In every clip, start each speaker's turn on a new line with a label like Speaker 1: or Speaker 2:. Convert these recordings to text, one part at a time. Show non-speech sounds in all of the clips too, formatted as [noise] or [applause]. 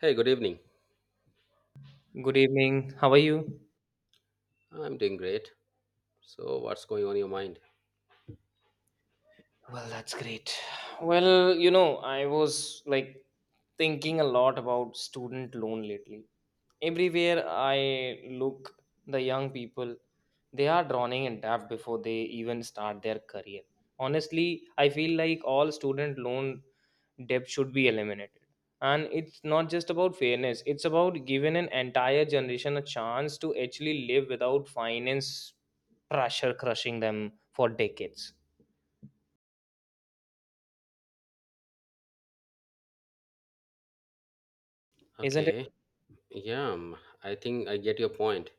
Speaker 1: Hey, good evening.
Speaker 2: Good evening. How are you?
Speaker 1: I'm doing great. So, what's going on in your mind?
Speaker 2: Well, that's great. I was like thinking a lot about student loan lately. Everywhere I look, the young people, they are drowning in debt before they even start their career. Honestly, I feel like all student loan debt should be eliminated. And it's not just about fairness, it's about giving an entire generation a chance to actually live without finance pressure crushing them for decades. Isn't it?
Speaker 1: Okay. Yeah, I think I get your point.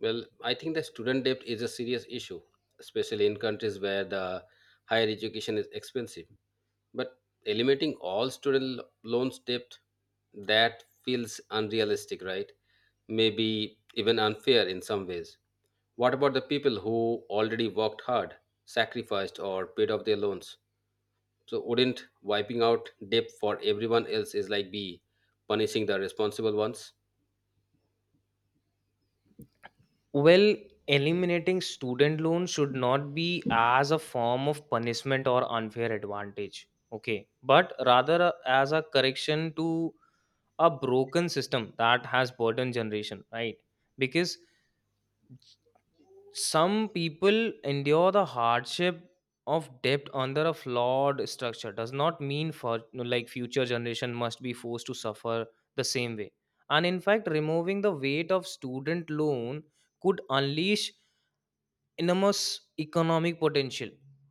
Speaker 1: Well, I think the student debt is a serious issue, especially in countries where the higher education is expensive. But eliminating all loans debt, that feels unrealistic, right? Maybe even unfair in some ways. What about the people who already worked hard, sacrificed, or paid off their loans? So wouldn't wiping out debt for everyone else is like be punishing the responsible ones?
Speaker 2: Well, eliminating student loan should not be as a form of punishment or unfair advantage, okay, but rather as a correction to a broken system that has burdened generation, right? Because some people endure the hardship of debt under a flawed structure does not mean for like future generation must be forced to suffer the same way, and in fact removing the weight of student loan could unleash enormous economic potential.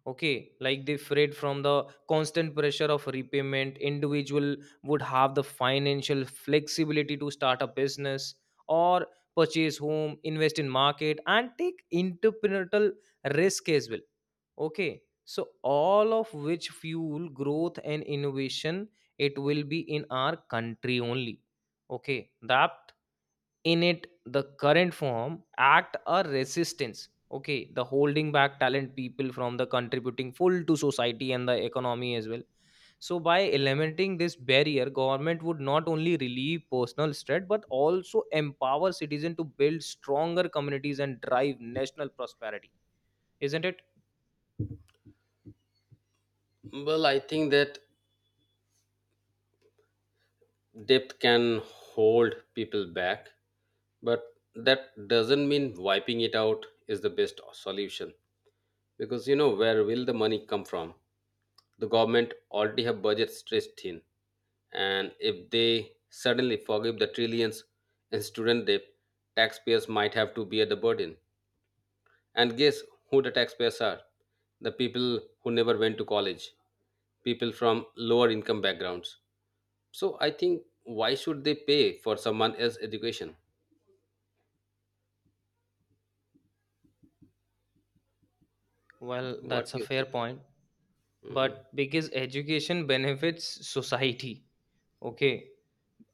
Speaker 2: Okay, like they fret from the constant pressure of repayment, individual would have the financial flexibility to start a business or purchase home, invest in market and take entrepreneurial risk as well. Okay, so all of which fuel growth and innovation. It will be in our country only. Okay, that in it the current form act a resistance, okay, the holding back talent people from the contributing full to society and the economy as well. So by eliminating this barrier, government would not only relieve personal stress but also empower citizen to build stronger communities and drive national prosperity. Isn't it?
Speaker 1: Well, I think that debt can hold people back, but that doesn't mean wiping it out is the best solution. Because you know where will the money come from? The government already have budget stretched thin, and if they suddenly forgive the trillions in student debt, taxpayers might have to bear the burden. And guess who the taxpayers are? The people who never went to college, people from lower income backgrounds. So I think why should they pay for someone else's education?
Speaker 2: Well,
Speaker 1: What
Speaker 2: that's
Speaker 1: do
Speaker 2: a
Speaker 1: you
Speaker 2: fair
Speaker 1: think?
Speaker 2: point, but
Speaker 1: Mhm.
Speaker 2: because education benefits society. Okay.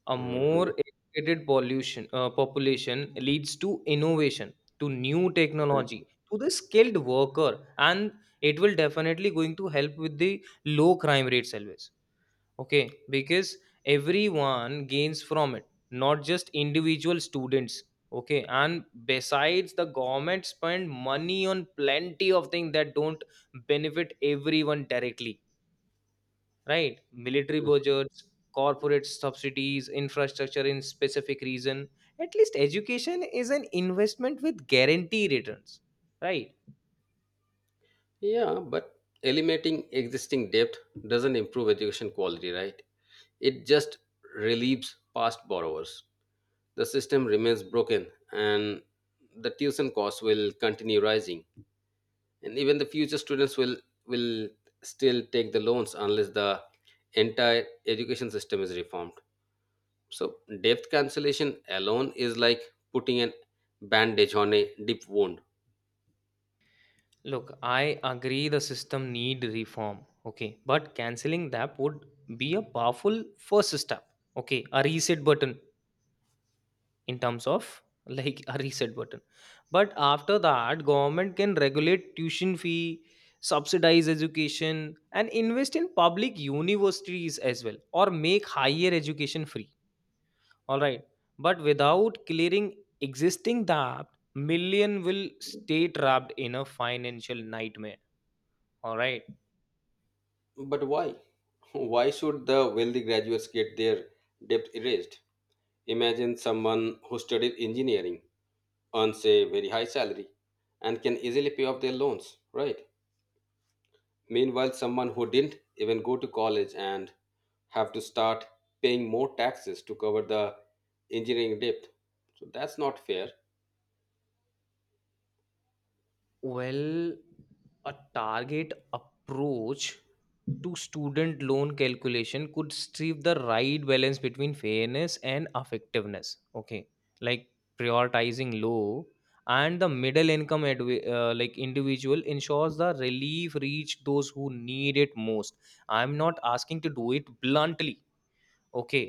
Speaker 2: A more
Speaker 1: Mhm.
Speaker 2: educated pollution population leads to innovation, to new technology, to the skilled worker, and it will definitely going to help with the low crime rates always. Okay, because everyone gains from it, not just individual students. Okay, and besides, the government spend money on plenty of things that don't benefit everyone directly, right? Military
Speaker 1: Mhm.
Speaker 2: budgets, corporate subsidies, infrastructure in specific region, at least education is an investment with guarantee returns, right?
Speaker 1: Yeah, but eliminating existing debt doesn't improve education quality, right? It just relieves past borrowers. The system remains broken and the tuition costs will continue rising. And even the future students will still take the loans unless the entire education system is reformed. So debt cancellation alone is like putting an bandage on a deep wound.
Speaker 2: Look, I agree the system need reform, okay, but canceling that would be a powerful first step. Okay, a reset button in terms of like a reset button. But after that, government can regulate tuition fee, subsidize education and invest in public universities as well, or make higher education free. All right, but without clearing existing debt, million will stay trapped in a financial nightmare. All right.
Speaker 1: But why [laughs] why should the wealthy graduates get their debt erased? Imagine someone who studied engineering earns a very high salary and can easily pay off their loans, right? Meanwhile someone who didn't even go to college and have to start paying more taxes to cover the engineering debt. So that's not fair.
Speaker 2: Well, a target approach to student loan calculation could strive the right balance between fairness and effectiveness. Okay, like prioritizing low and the middle income like individual ensures the relief reach those who need it most. I'm not asking to do it bluntly, okay,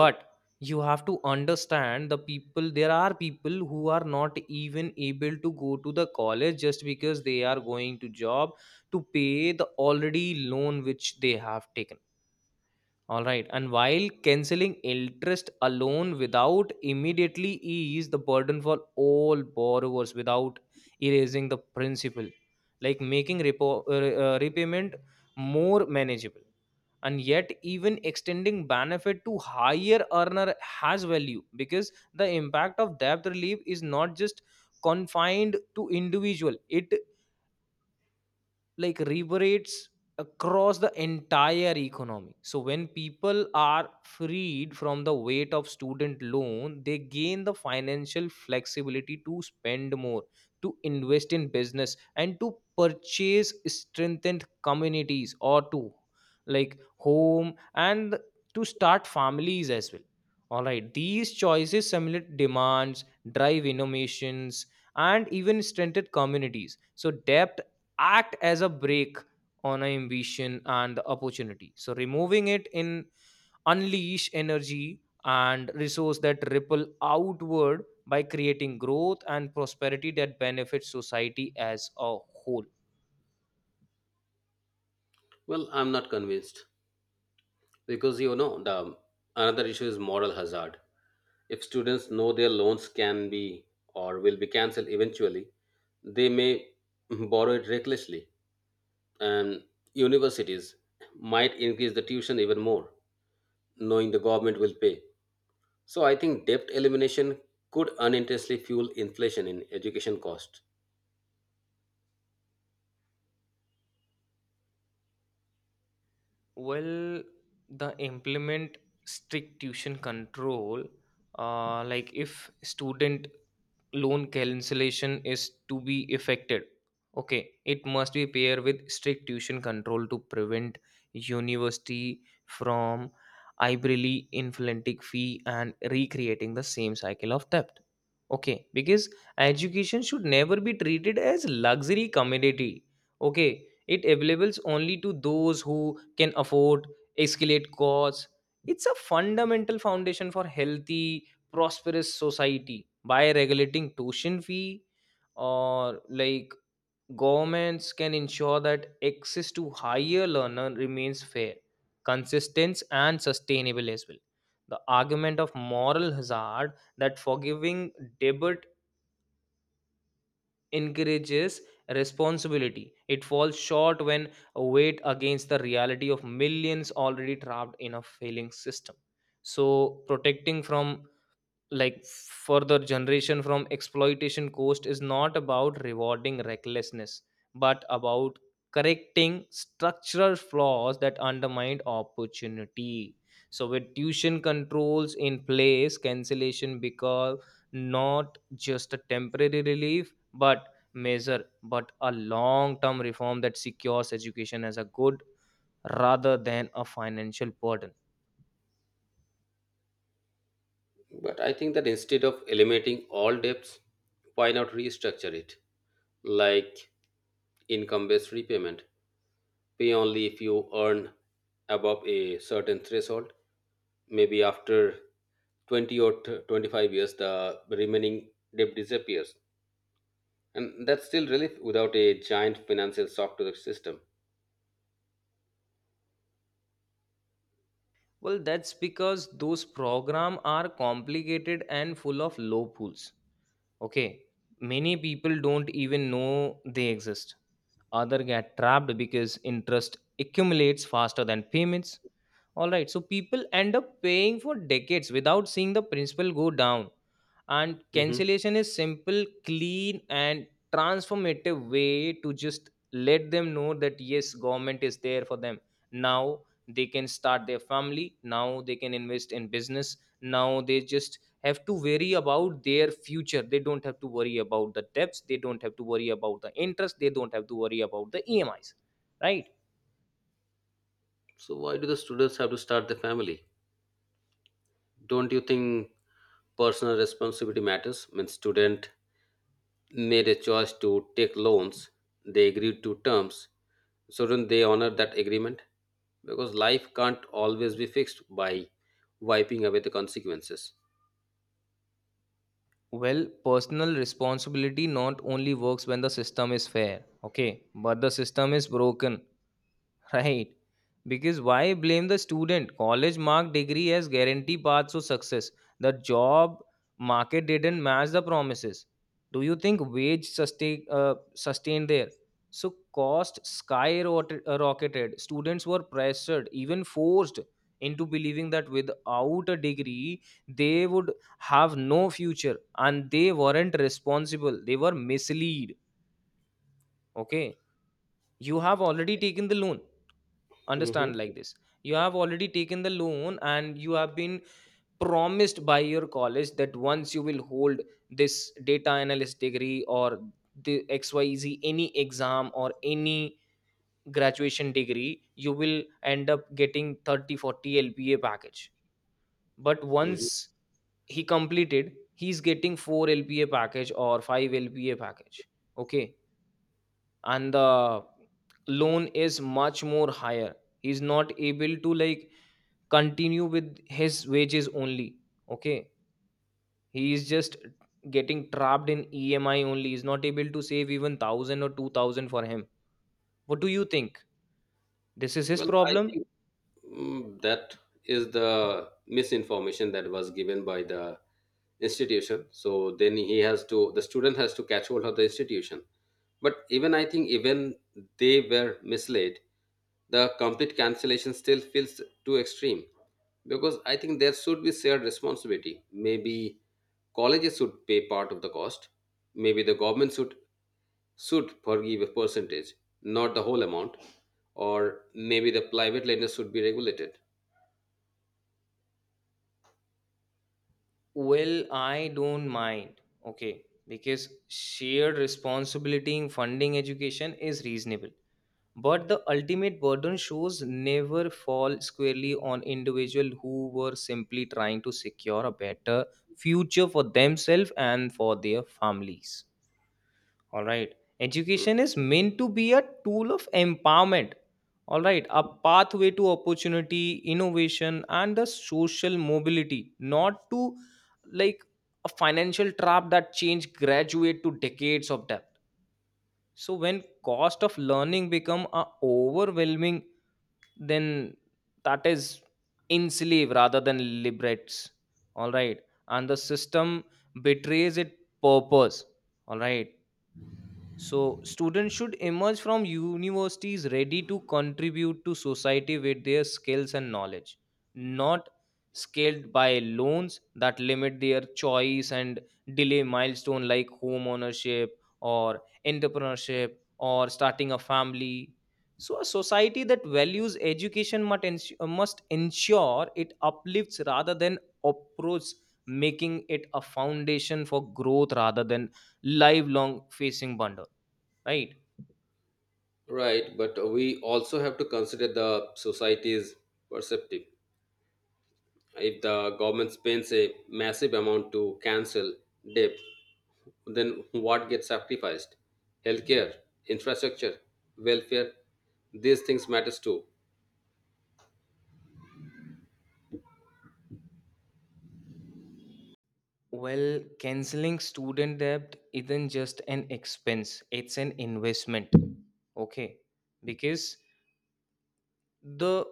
Speaker 2: but you have to understand the people, there are people who are not even able to go to the college just because they are going to job to pay the already loan which they have taken. All right, and while canceling interest alone without immediately ease the burden for all borrowers without erasing the principal, like making repayment more manageable, and yet even extending benefit to higher earner has value, because the impact of debt relief is not just confined to individual, it like reverberates across the entire economy. So when people are freed from the weight of student loan, they gain the financial flexibility to spend more, to invest in business, and to purchase strengthened communities, or to like home and to start families as well. All right, these choices simulate demands, drive innovations, and even strengthened communities. So debt act as a brake on an ambition and the opportunity. So removing it in unleash energy and resource that ripple outward by creating growth and prosperity that benefits society as a whole.
Speaker 1: Well, I'm not convinced because you know the another issue is moral hazard. If students know their loans can be or will be cancelled eventually, they may borrow it recklessly, and universities might increase the tuition even more, knowing the government will pay. So I think debt elimination could unintentionally fuel inflation in education cost.
Speaker 2: Well, the implement strict tuition control, like if student loan cancellation is to be effected, okay, it must be paired with strict tuition control to prevent university from arbitrarily inflating fee and recreating the same cycle of debt. Okay, because education should never be treated as luxury commodity. Okay, it available only to those who can afford escalate costs. It's a fundamental foundation for healthy, prosperous society. By regulating tuition fee or like governments can ensure that access to higher learner remains fair, consistent and sustainable as well. The argument of moral hazard that forgiving debt encourages responsibility, it falls short when weighed against the reality of millions already trapped in a failing system. So, protecting from like further generation from exploitation coast is not about rewarding recklessness but about correcting structural flaws that undermine opportunity. So with tuition controls in place, cancellation become not just a temporary relief but measure, but a long term reform that secures education as a good rather than a financial burden.
Speaker 1: But I think that instead of eliminating all debts, why not restructure it? Like income based repayment. Pay only if you earn above a certain threshold. Maybe after 20 or 25 years, the remaining debt disappears. And that's still relief without a giant financial shock to the system.
Speaker 2: Well, that's because those programs are complicated and full of loopholes. Okay, many people don't even know they exist. Other get trapped because interest accumulates faster than payments. All right, so people end up paying for decades without seeing the principal go down. And
Speaker 1: Hmm.
Speaker 2: cancellation is simple, clean, and transformative way to just let them know that yes, government is there for them. Now they can start their family. Now they can invest in business. Now they just have to worry about their future, they don't have to worry about the debts, they don't have to worry about the interest, they don't have to worry about the emis, right?
Speaker 1: So, why do the students have to start the family? Don't you think personal responsibility matters? I mean, student made a choice to take loans, they agreed to terms, shouldn't they honor that agreement, because life can't always be fixed by wiping away the consequences.
Speaker 2: Well, personal responsibility not only works when the system is fair, okay, but the system is broken. [laughs] Right. Because why blame the student? College mark degree as guarantee paths to success. The job market didn't match the promises. Do you think wage sustained there? So cost skyrocketed. Students were pressured, even forced into believing that without a degree they would have no future and they weren't responsible. They were misled. Okay. You have already taken the loan, understand like
Speaker 1: Hmm.
Speaker 2: this, you have already taken the loan and you have been promised by your college that once you will hold this data analyst degree or the xyz any exam or any graduation degree you will end up getting 30-40 lpa package. But
Speaker 1: Hmm.
Speaker 2: once he completed, he's getting 4 lpa package or 5 lpa package, okay, and the loan is much more higher. He's not able to like continue with his wages only. Okay, he is just getting trapped in emi only, he's not able to save even 1000 or 2000 for him. What do you think, this is his
Speaker 1: Well, I
Speaker 2: problem?
Speaker 1: think. That is the misinformation that was given by the institution, so then he has to the student has to catch hold of the institution. But even I think even they were misled, the complete cancellation still feels too extreme, because I think there should be shared responsibility. Maybe colleges should pay part of the cost, maybe the government should forgive a percentage, not the whole amount, or maybe the private lenders should be regulated.
Speaker 2: Well, I don't mind, okay, because shared responsibility in funding education is reasonable, but the ultimate burden shows never fall squarely on individuals who were simply trying to secure a better future for themselves and for their families. All right. Education is meant to be a tool of empowerment. All right. A pathway to opportunity, innovation, and the social mobility, not to like a financial trap that change graduate to decades of debt. So when cost of learning become a overwhelming, then that is enslave rather than liberates. All right. And the system betrays its purpose. All right, so, students should emerge from universities ready to contribute to society with their skills and knowledge, not scaled by loans that limit their choice and delay milestone like home ownership or entrepreneurship or starting a family. So, a society that values education must ensure it uplifts rather than oppresses, making it a foundation for growth rather than lifelong facing bundle. Right.
Speaker 1: Right, but we also have to consider the society's perceptive. If the government spends a massive amount to cancel debt, then what gets sacrificed? Healthcare, infrastructure, welfare, these things matters too.
Speaker 2: Well, canceling student debt isn't just an expense, it's an investment. Okay. Because the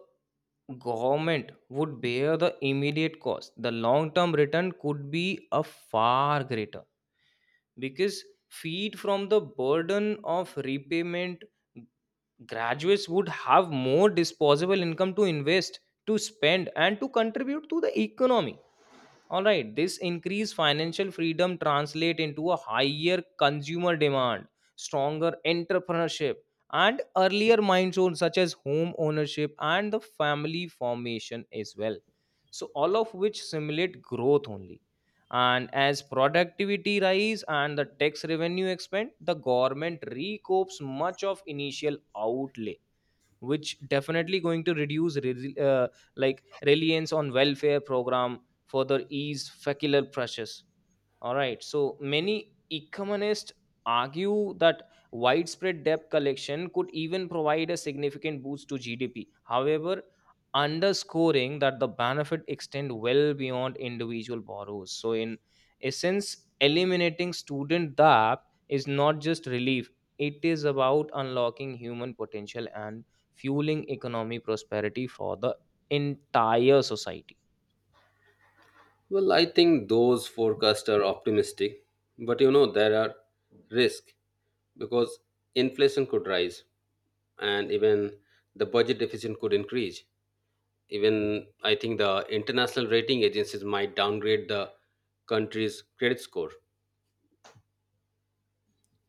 Speaker 2: government would bear the immediate cost. The long term return could be a far greater, because freed from the burden of repayment, graduates would have more disposable income to invest, to spend, and to contribute to the economy. All right, this increased financial freedom translate into a higher consumer demand, stronger entrepreneurship, and earlier milestones such as home ownership and the family formation as well. So all of which simulate growth only. And as productivity rise and the tax revenue expand, the government recoups much of initial outlay, which definitely going to reduce like reliance on welfare program, further ease fecular pressures. All right. So many economists argue that widespread debt collection could even provide a significant boost to GDP. However, underscoring that the benefit extend well beyond individual borrowers. So in essence, eliminating student debt is not just relief. It is about unlocking human potential and fueling economic prosperity for the entire society.
Speaker 1: Well, I think those forecasts are optimistic, but you know there are risks, because inflation could rise and even the budget deficit could increase. Even I think the international rating agencies might downgrade the country's credit score.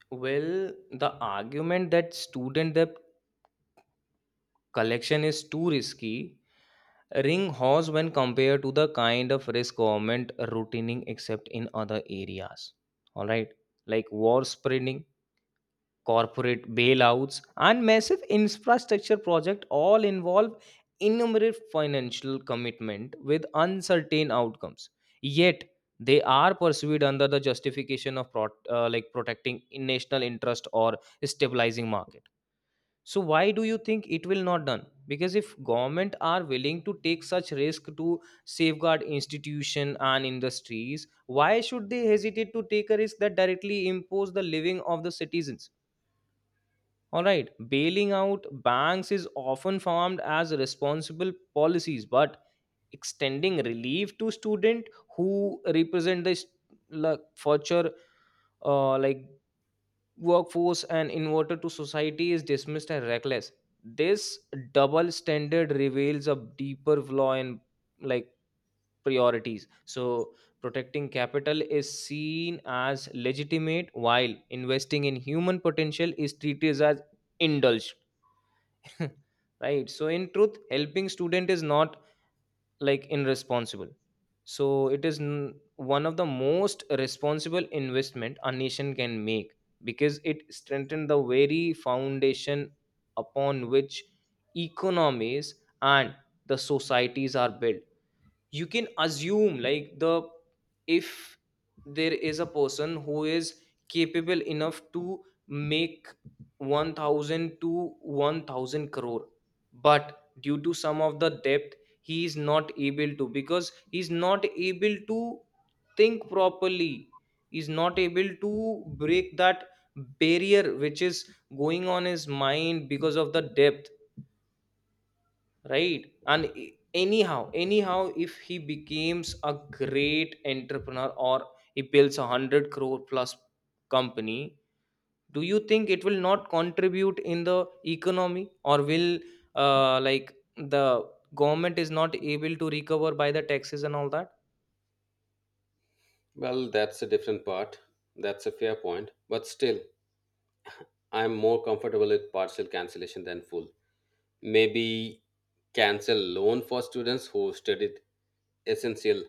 Speaker 2: Well, the argument that student debt collection is too risky ring horse when compared to the kind of risk government routining except in other areas, all right, like war spreading, corporate bailouts, and massive infrastructure project all involve innumerable financial commitment with uncertain outcomes, yet they are pursued under the justification of protecting national interest or stabilizing market. So why do you think it will not done, because if government are willing to take such risk to safeguard institution and industries, why should they hesitate to take a risk that directly impose the living of the citizens? All right, bailing out banks is often formed as responsible policies, but extending relief to student who represent the future uh, like workforce and inverted to society is dismissed as reckless. This double standard reveals a deeper flaw in, like priorities. So protecting capital is seen as legitimate while investing in human potential is treated as indulged. [laughs] Right, so in truth helping student is not, like, irresponsible. So it is one of the most responsible investment a nation can make, because it strengthens the very foundation upon which economies and the societies are built. You can assume, like, the, if there is a person who is capable enough to make 1000 to 1000 crore, but due to some of the depth he is not able to, because he's not able to think properly, he's not able to break that barrier which is going on his mind because of the depth, right? And anyhow if he becomes a great entrepreneur or he builds a 100 crore plus company, do you think it will not contribute in the economy, or will, the government is not able to recover by the taxes and all that?
Speaker 1: Well, that's a different part. That's a fair point. But still, I'm more comfortable with partial cancellation than full. Maybe cancel loan for students who studied essential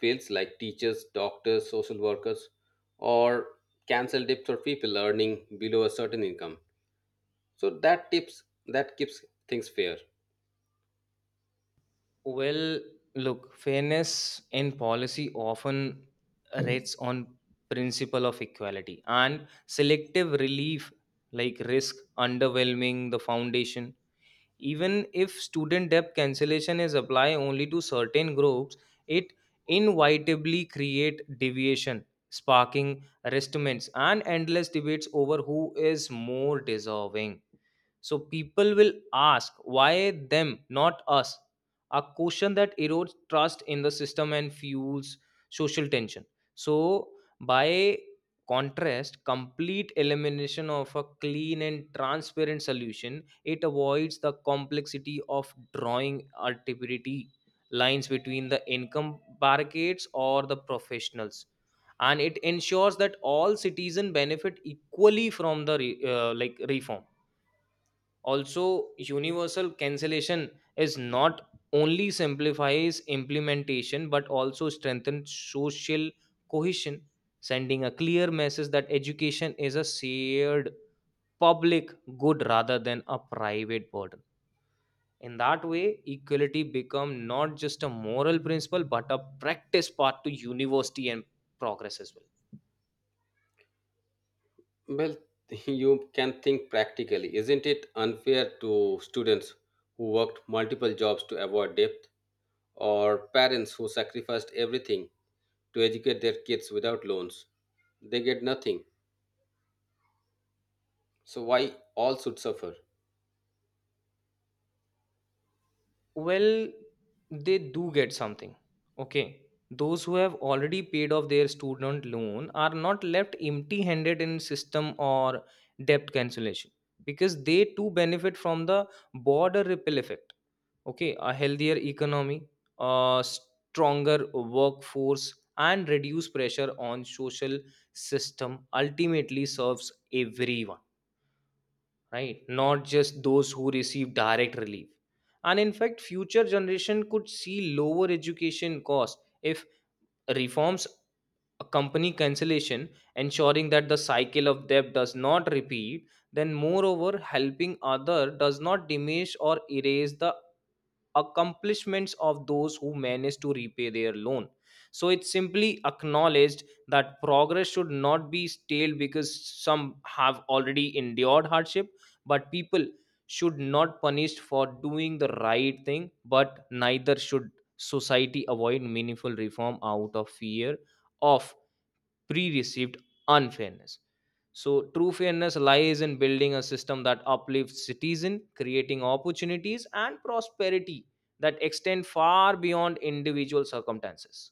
Speaker 1: fields like teachers, doctors, social workers, or cancel dips for people earning below a certain income. So that tips that keeps things fair.
Speaker 2: Well, look, fairness in policy often rates on principle of equality, and selective relief, like, risk underwhelming the foundation. Even if student debt cancellation is applied only to certain groups, it inevitably create deviation, sparking arrestments and endless debates over who is more deserving. So people will ask, why them not us, a question that erodes trust in the system and fuels social tension. So by contrast, complete elimination of a clean and transparent solution, it avoids the complexity of drawing arbitrary lines between the income brackets or the professionals, and it ensures that all citizens benefit equally from the reform. Also, universal cancellation is not only simplifies implementation but also strengthens social cohesion, sending a clear message that education is a shared public good rather than a private burden. In that way, equality become not just a moral principle but a practice part to university and progress as well.
Speaker 1: Well, [laughs] you can think practically. Isn't it unfair to students who worked multiple jobs to avoid debt, or parents who sacrificed everything to educate their kids without loans? They get nothing. So why all should suffer?
Speaker 2: Well, they do get something, okay? Those who have already paid off their student loan are not left empty handed in system or debt cancellation, because they too benefit from the border ripple effect. Okay, a healthier economy, a stronger workforce, and reduce pressure on social system ultimately serves everyone, right, not just those who receive direct relief. And in fact future generation could see lower education costs if reforms accompany cancellation, ensuring that the cycle of debt does not repeat. Then moreover helping other does not diminish or erase the accomplishments of those who manage to repay their loan. So it simply acknowledged that progress should not be stale because some have already endured hardship. But people should not punished for doing the right thing, but neither should society avoid meaningful reform out of fear of pre received unfairness. So, true fairness lies in building a system that uplifts citizens, creating opportunities and prosperity that extend far beyond individual circumstances.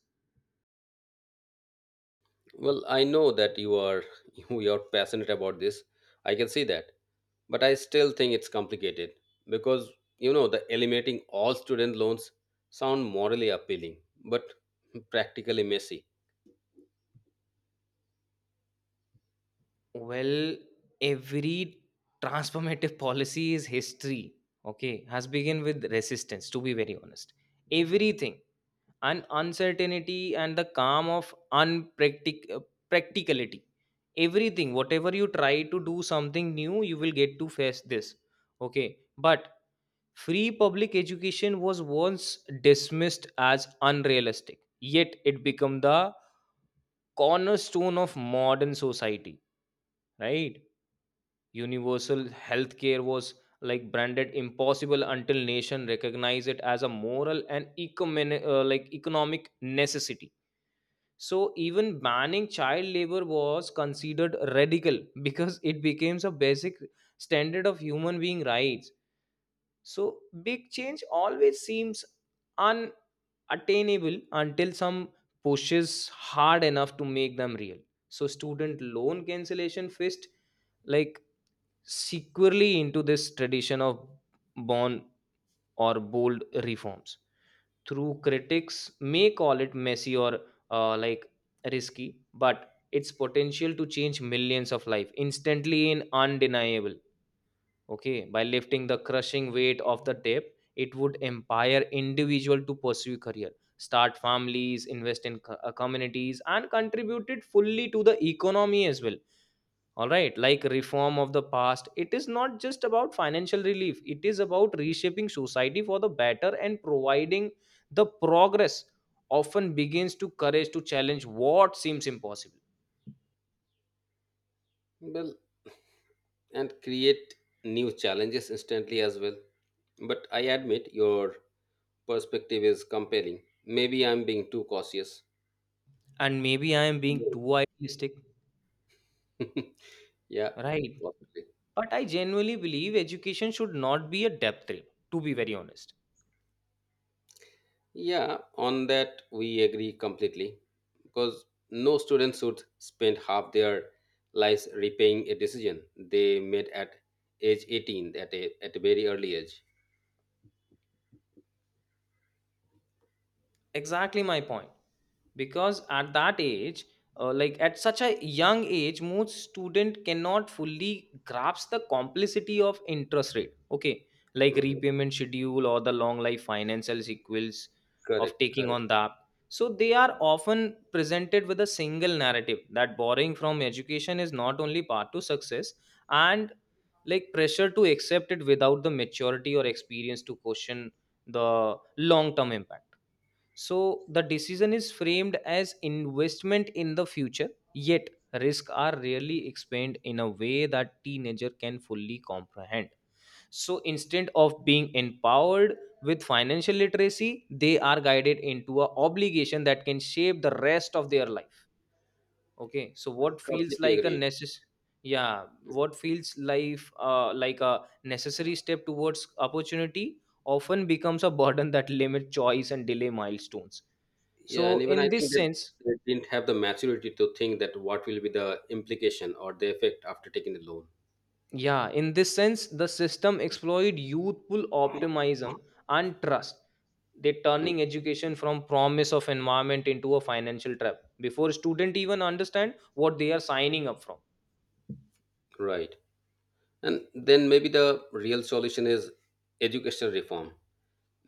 Speaker 1: Well, I know that you are [laughs] you are passionate about this. I can see that. But I still think it's complicated because you know the eliminating all student loans sound morally appealing but [laughs] practically messy.
Speaker 2: Well, every transformative [laughs] policy is history, okay, has begun with resistance, to be very honest. Everything, and uncertainty, and the calm of practicality. Everything, whatever you try to do something new you will get to face this, okay? But free public education was once dismissed as unrealistic, yet it became the cornerstone of modern society, right? Universal healthcare was, like, branded impossible until nation recognized it as a moral and economic necessity. So even banning child labor was considered radical [laughs] because it became a basic standard of human being rights. So big change always seems unattainable until some pushes hard enough to make them real. So student loan cancellation fist, like, securely into this tradition of born or bold reforms, through critics may call it messy or, uh, like risky, but its potential to change millions of life instantly and undeniable. Okay, by lifting the crushing weight of the debt, it would empower individual to pursue career, start families, invest in communities, and contribute it fully to the economy as well. All right, like reform of the past, it is not just about financial relief, it is about reshaping society for the better and providing the progress often begins to courage to challenge what seems impossible.
Speaker 1: Well, and create new challenges instantly as well. But I admit your perspective is compelling. Maybe I'm being too cautious.
Speaker 2: And maybe I am being too idealistic,
Speaker 1: Mm. [laughs] Yeah,
Speaker 2: right?
Speaker 1: possibly.
Speaker 2: But I genuinely believe education should not be a depth trip, to be very honest.
Speaker 1: Yeah, on that we agree completely, because no student should spend half their lives repaying a decision they made at age 18 at a very early age.
Speaker 2: Exactly my point, because at that age, at such a young age, most student cannot fully grasp the complexity of interest rate, okay, like
Speaker 1: Mhm.
Speaker 2: repayment schedule or the long life financial sequels of
Speaker 1: Correct,
Speaker 2: taking
Speaker 1: correct.
Speaker 2: on that. So they are often presented with a single narrative that borrowing from education is not only path to success, and, like, pressure to accept it without the maturity or experience to question the long term impact. So the decision is framed as investment in the future, yet risks are rarely explained in a way that teenager can fully comprehend. So instead of being empowered with financial literacy, they are guided into a obligation that can shape the rest of their life. Okay, so
Speaker 1: I
Speaker 2: what feels
Speaker 1: completely
Speaker 2: like a
Speaker 1: agree.
Speaker 2: necess, yeah, what feels life, a necessary step towards opportunity often becomes a burden that limit choice and delay milestones.
Speaker 1: Yeah, and
Speaker 2: So
Speaker 1: even I
Speaker 2: in
Speaker 1: think
Speaker 2: this
Speaker 1: that
Speaker 2: sense,
Speaker 1: they didn't have the maturity to think that what will be the implication or the effect after taking the loan.
Speaker 2: yeah, in this sense the system exploit youthful optimism and trust, they
Speaker 1: Mm.
Speaker 2: turning education from promise of environment into a financial trap before student even understand what they are signing up from.
Speaker 1: Right. And then maybe the real solution is education reform,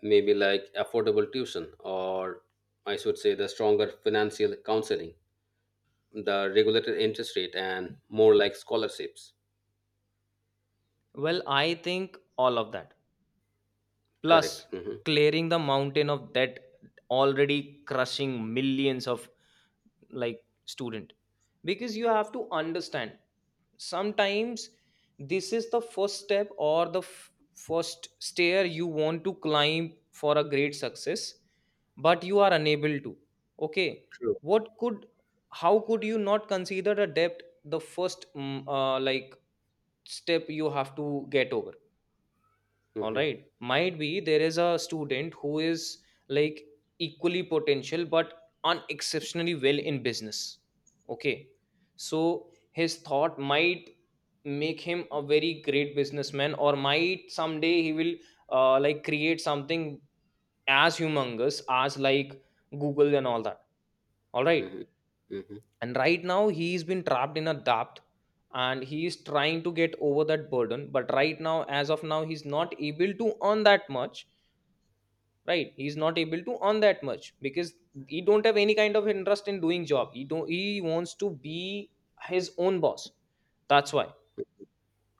Speaker 1: maybe like affordable tuition, or I should say the stronger financial counseling, the regulated interest rate, and more like scholarships.
Speaker 2: Well, I think all of that.
Speaker 1: Correct.
Speaker 2: Plus,
Speaker 1: Hmm.
Speaker 2: clearing the mountain of that already crushing millions of, like, student. Because you have to understand, sometimes this is the first step or the first stair you want to climb for a great success, but you are unable to. Okay,
Speaker 1: True.
Speaker 2: what could, how could you not consider a debt the first step you have to get over? All
Speaker 1: Hmm.
Speaker 2: right, might be there is a student who is, like, equally potential but unexceptionally well in business, okay? So his thought might make him a very great businessman, or might someday he will, create something as humongous as, like, Google and all that, all right.
Speaker 1: Hmm. Hmm.
Speaker 2: And right now he's been trapped in a debt and he is trying to get over that burden, but right now as of now he's not able to earn that much. Right, he's not able to earn that much because he don't have any kind of interest in doing job, he don't he wants to be his own boss, that's why.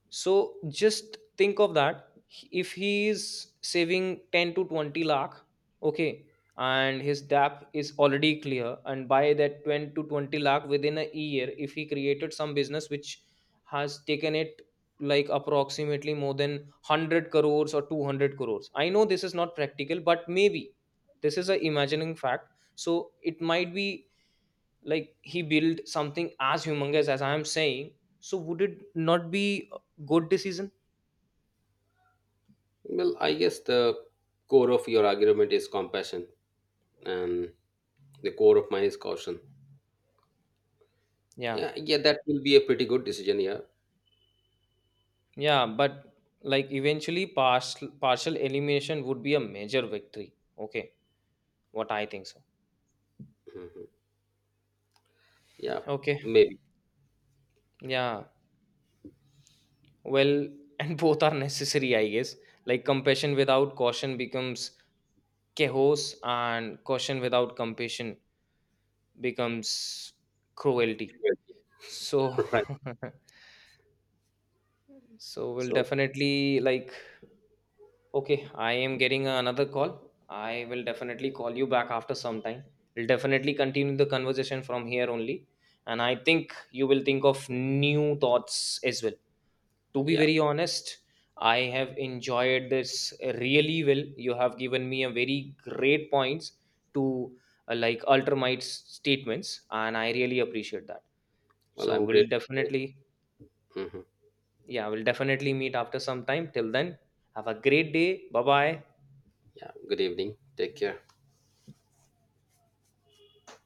Speaker 2: So just think of that. If he is saving 10 to 20 lakh, okay, and his DAP is already clear, and by that 10 to 20 lakh within a year, if he created some business which has taken it, like, approximately more than 100 crores or 200 crores. I know this is not practical, but maybe this is a imagining fact. So it might be, like, he built something as humongous as I am saying. So would it not be a good decision?
Speaker 1: Well, I guess the core of your argument is compassion, and the core of mine is caution.
Speaker 2: Yeah,
Speaker 1: Yeah, yeah, that will be a pretty good decision. Yeah.
Speaker 2: yeah, but, like, eventually partial elimination would be a major victory, okay, what I think so.
Speaker 1: Hmm. Yeah,
Speaker 2: Okay,
Speaker 1: maybe.
Speaker 2: yeah, well, [laughs] and both are necessary I guess. Like, compassion without caution becomes chaos, and caution without compassion becomes cruelty. So
Speaker 1: [laughs] Right.
Speaker 2: [laughs] so we'll
Speaker 1: So,
Speaker 2: definitely, like, okay, I am getting another call. I will definitely call you back after some time. We'll definitely continue the conversation from here only. And I think you will think of new thoughts as well. To be
Speaker 1: yeah.
Speaker 2: very honest, I have enjoyed this really well. You have given me a very great points to, ultramite statements, and I really appreciate that.
Speaker 1: Well,
Speaker 2: So
Speaker 1: I'm
Speaker 2: we'll
Speaker 1: grateful.
Speaker 2: definitely,
Speaker 1: Hmm.
Speaker 2: yeah, we'll definitely meet after some time. Till then, have a great day. Bye bye.
Speaker 1: Yeah. Good evening. Take care.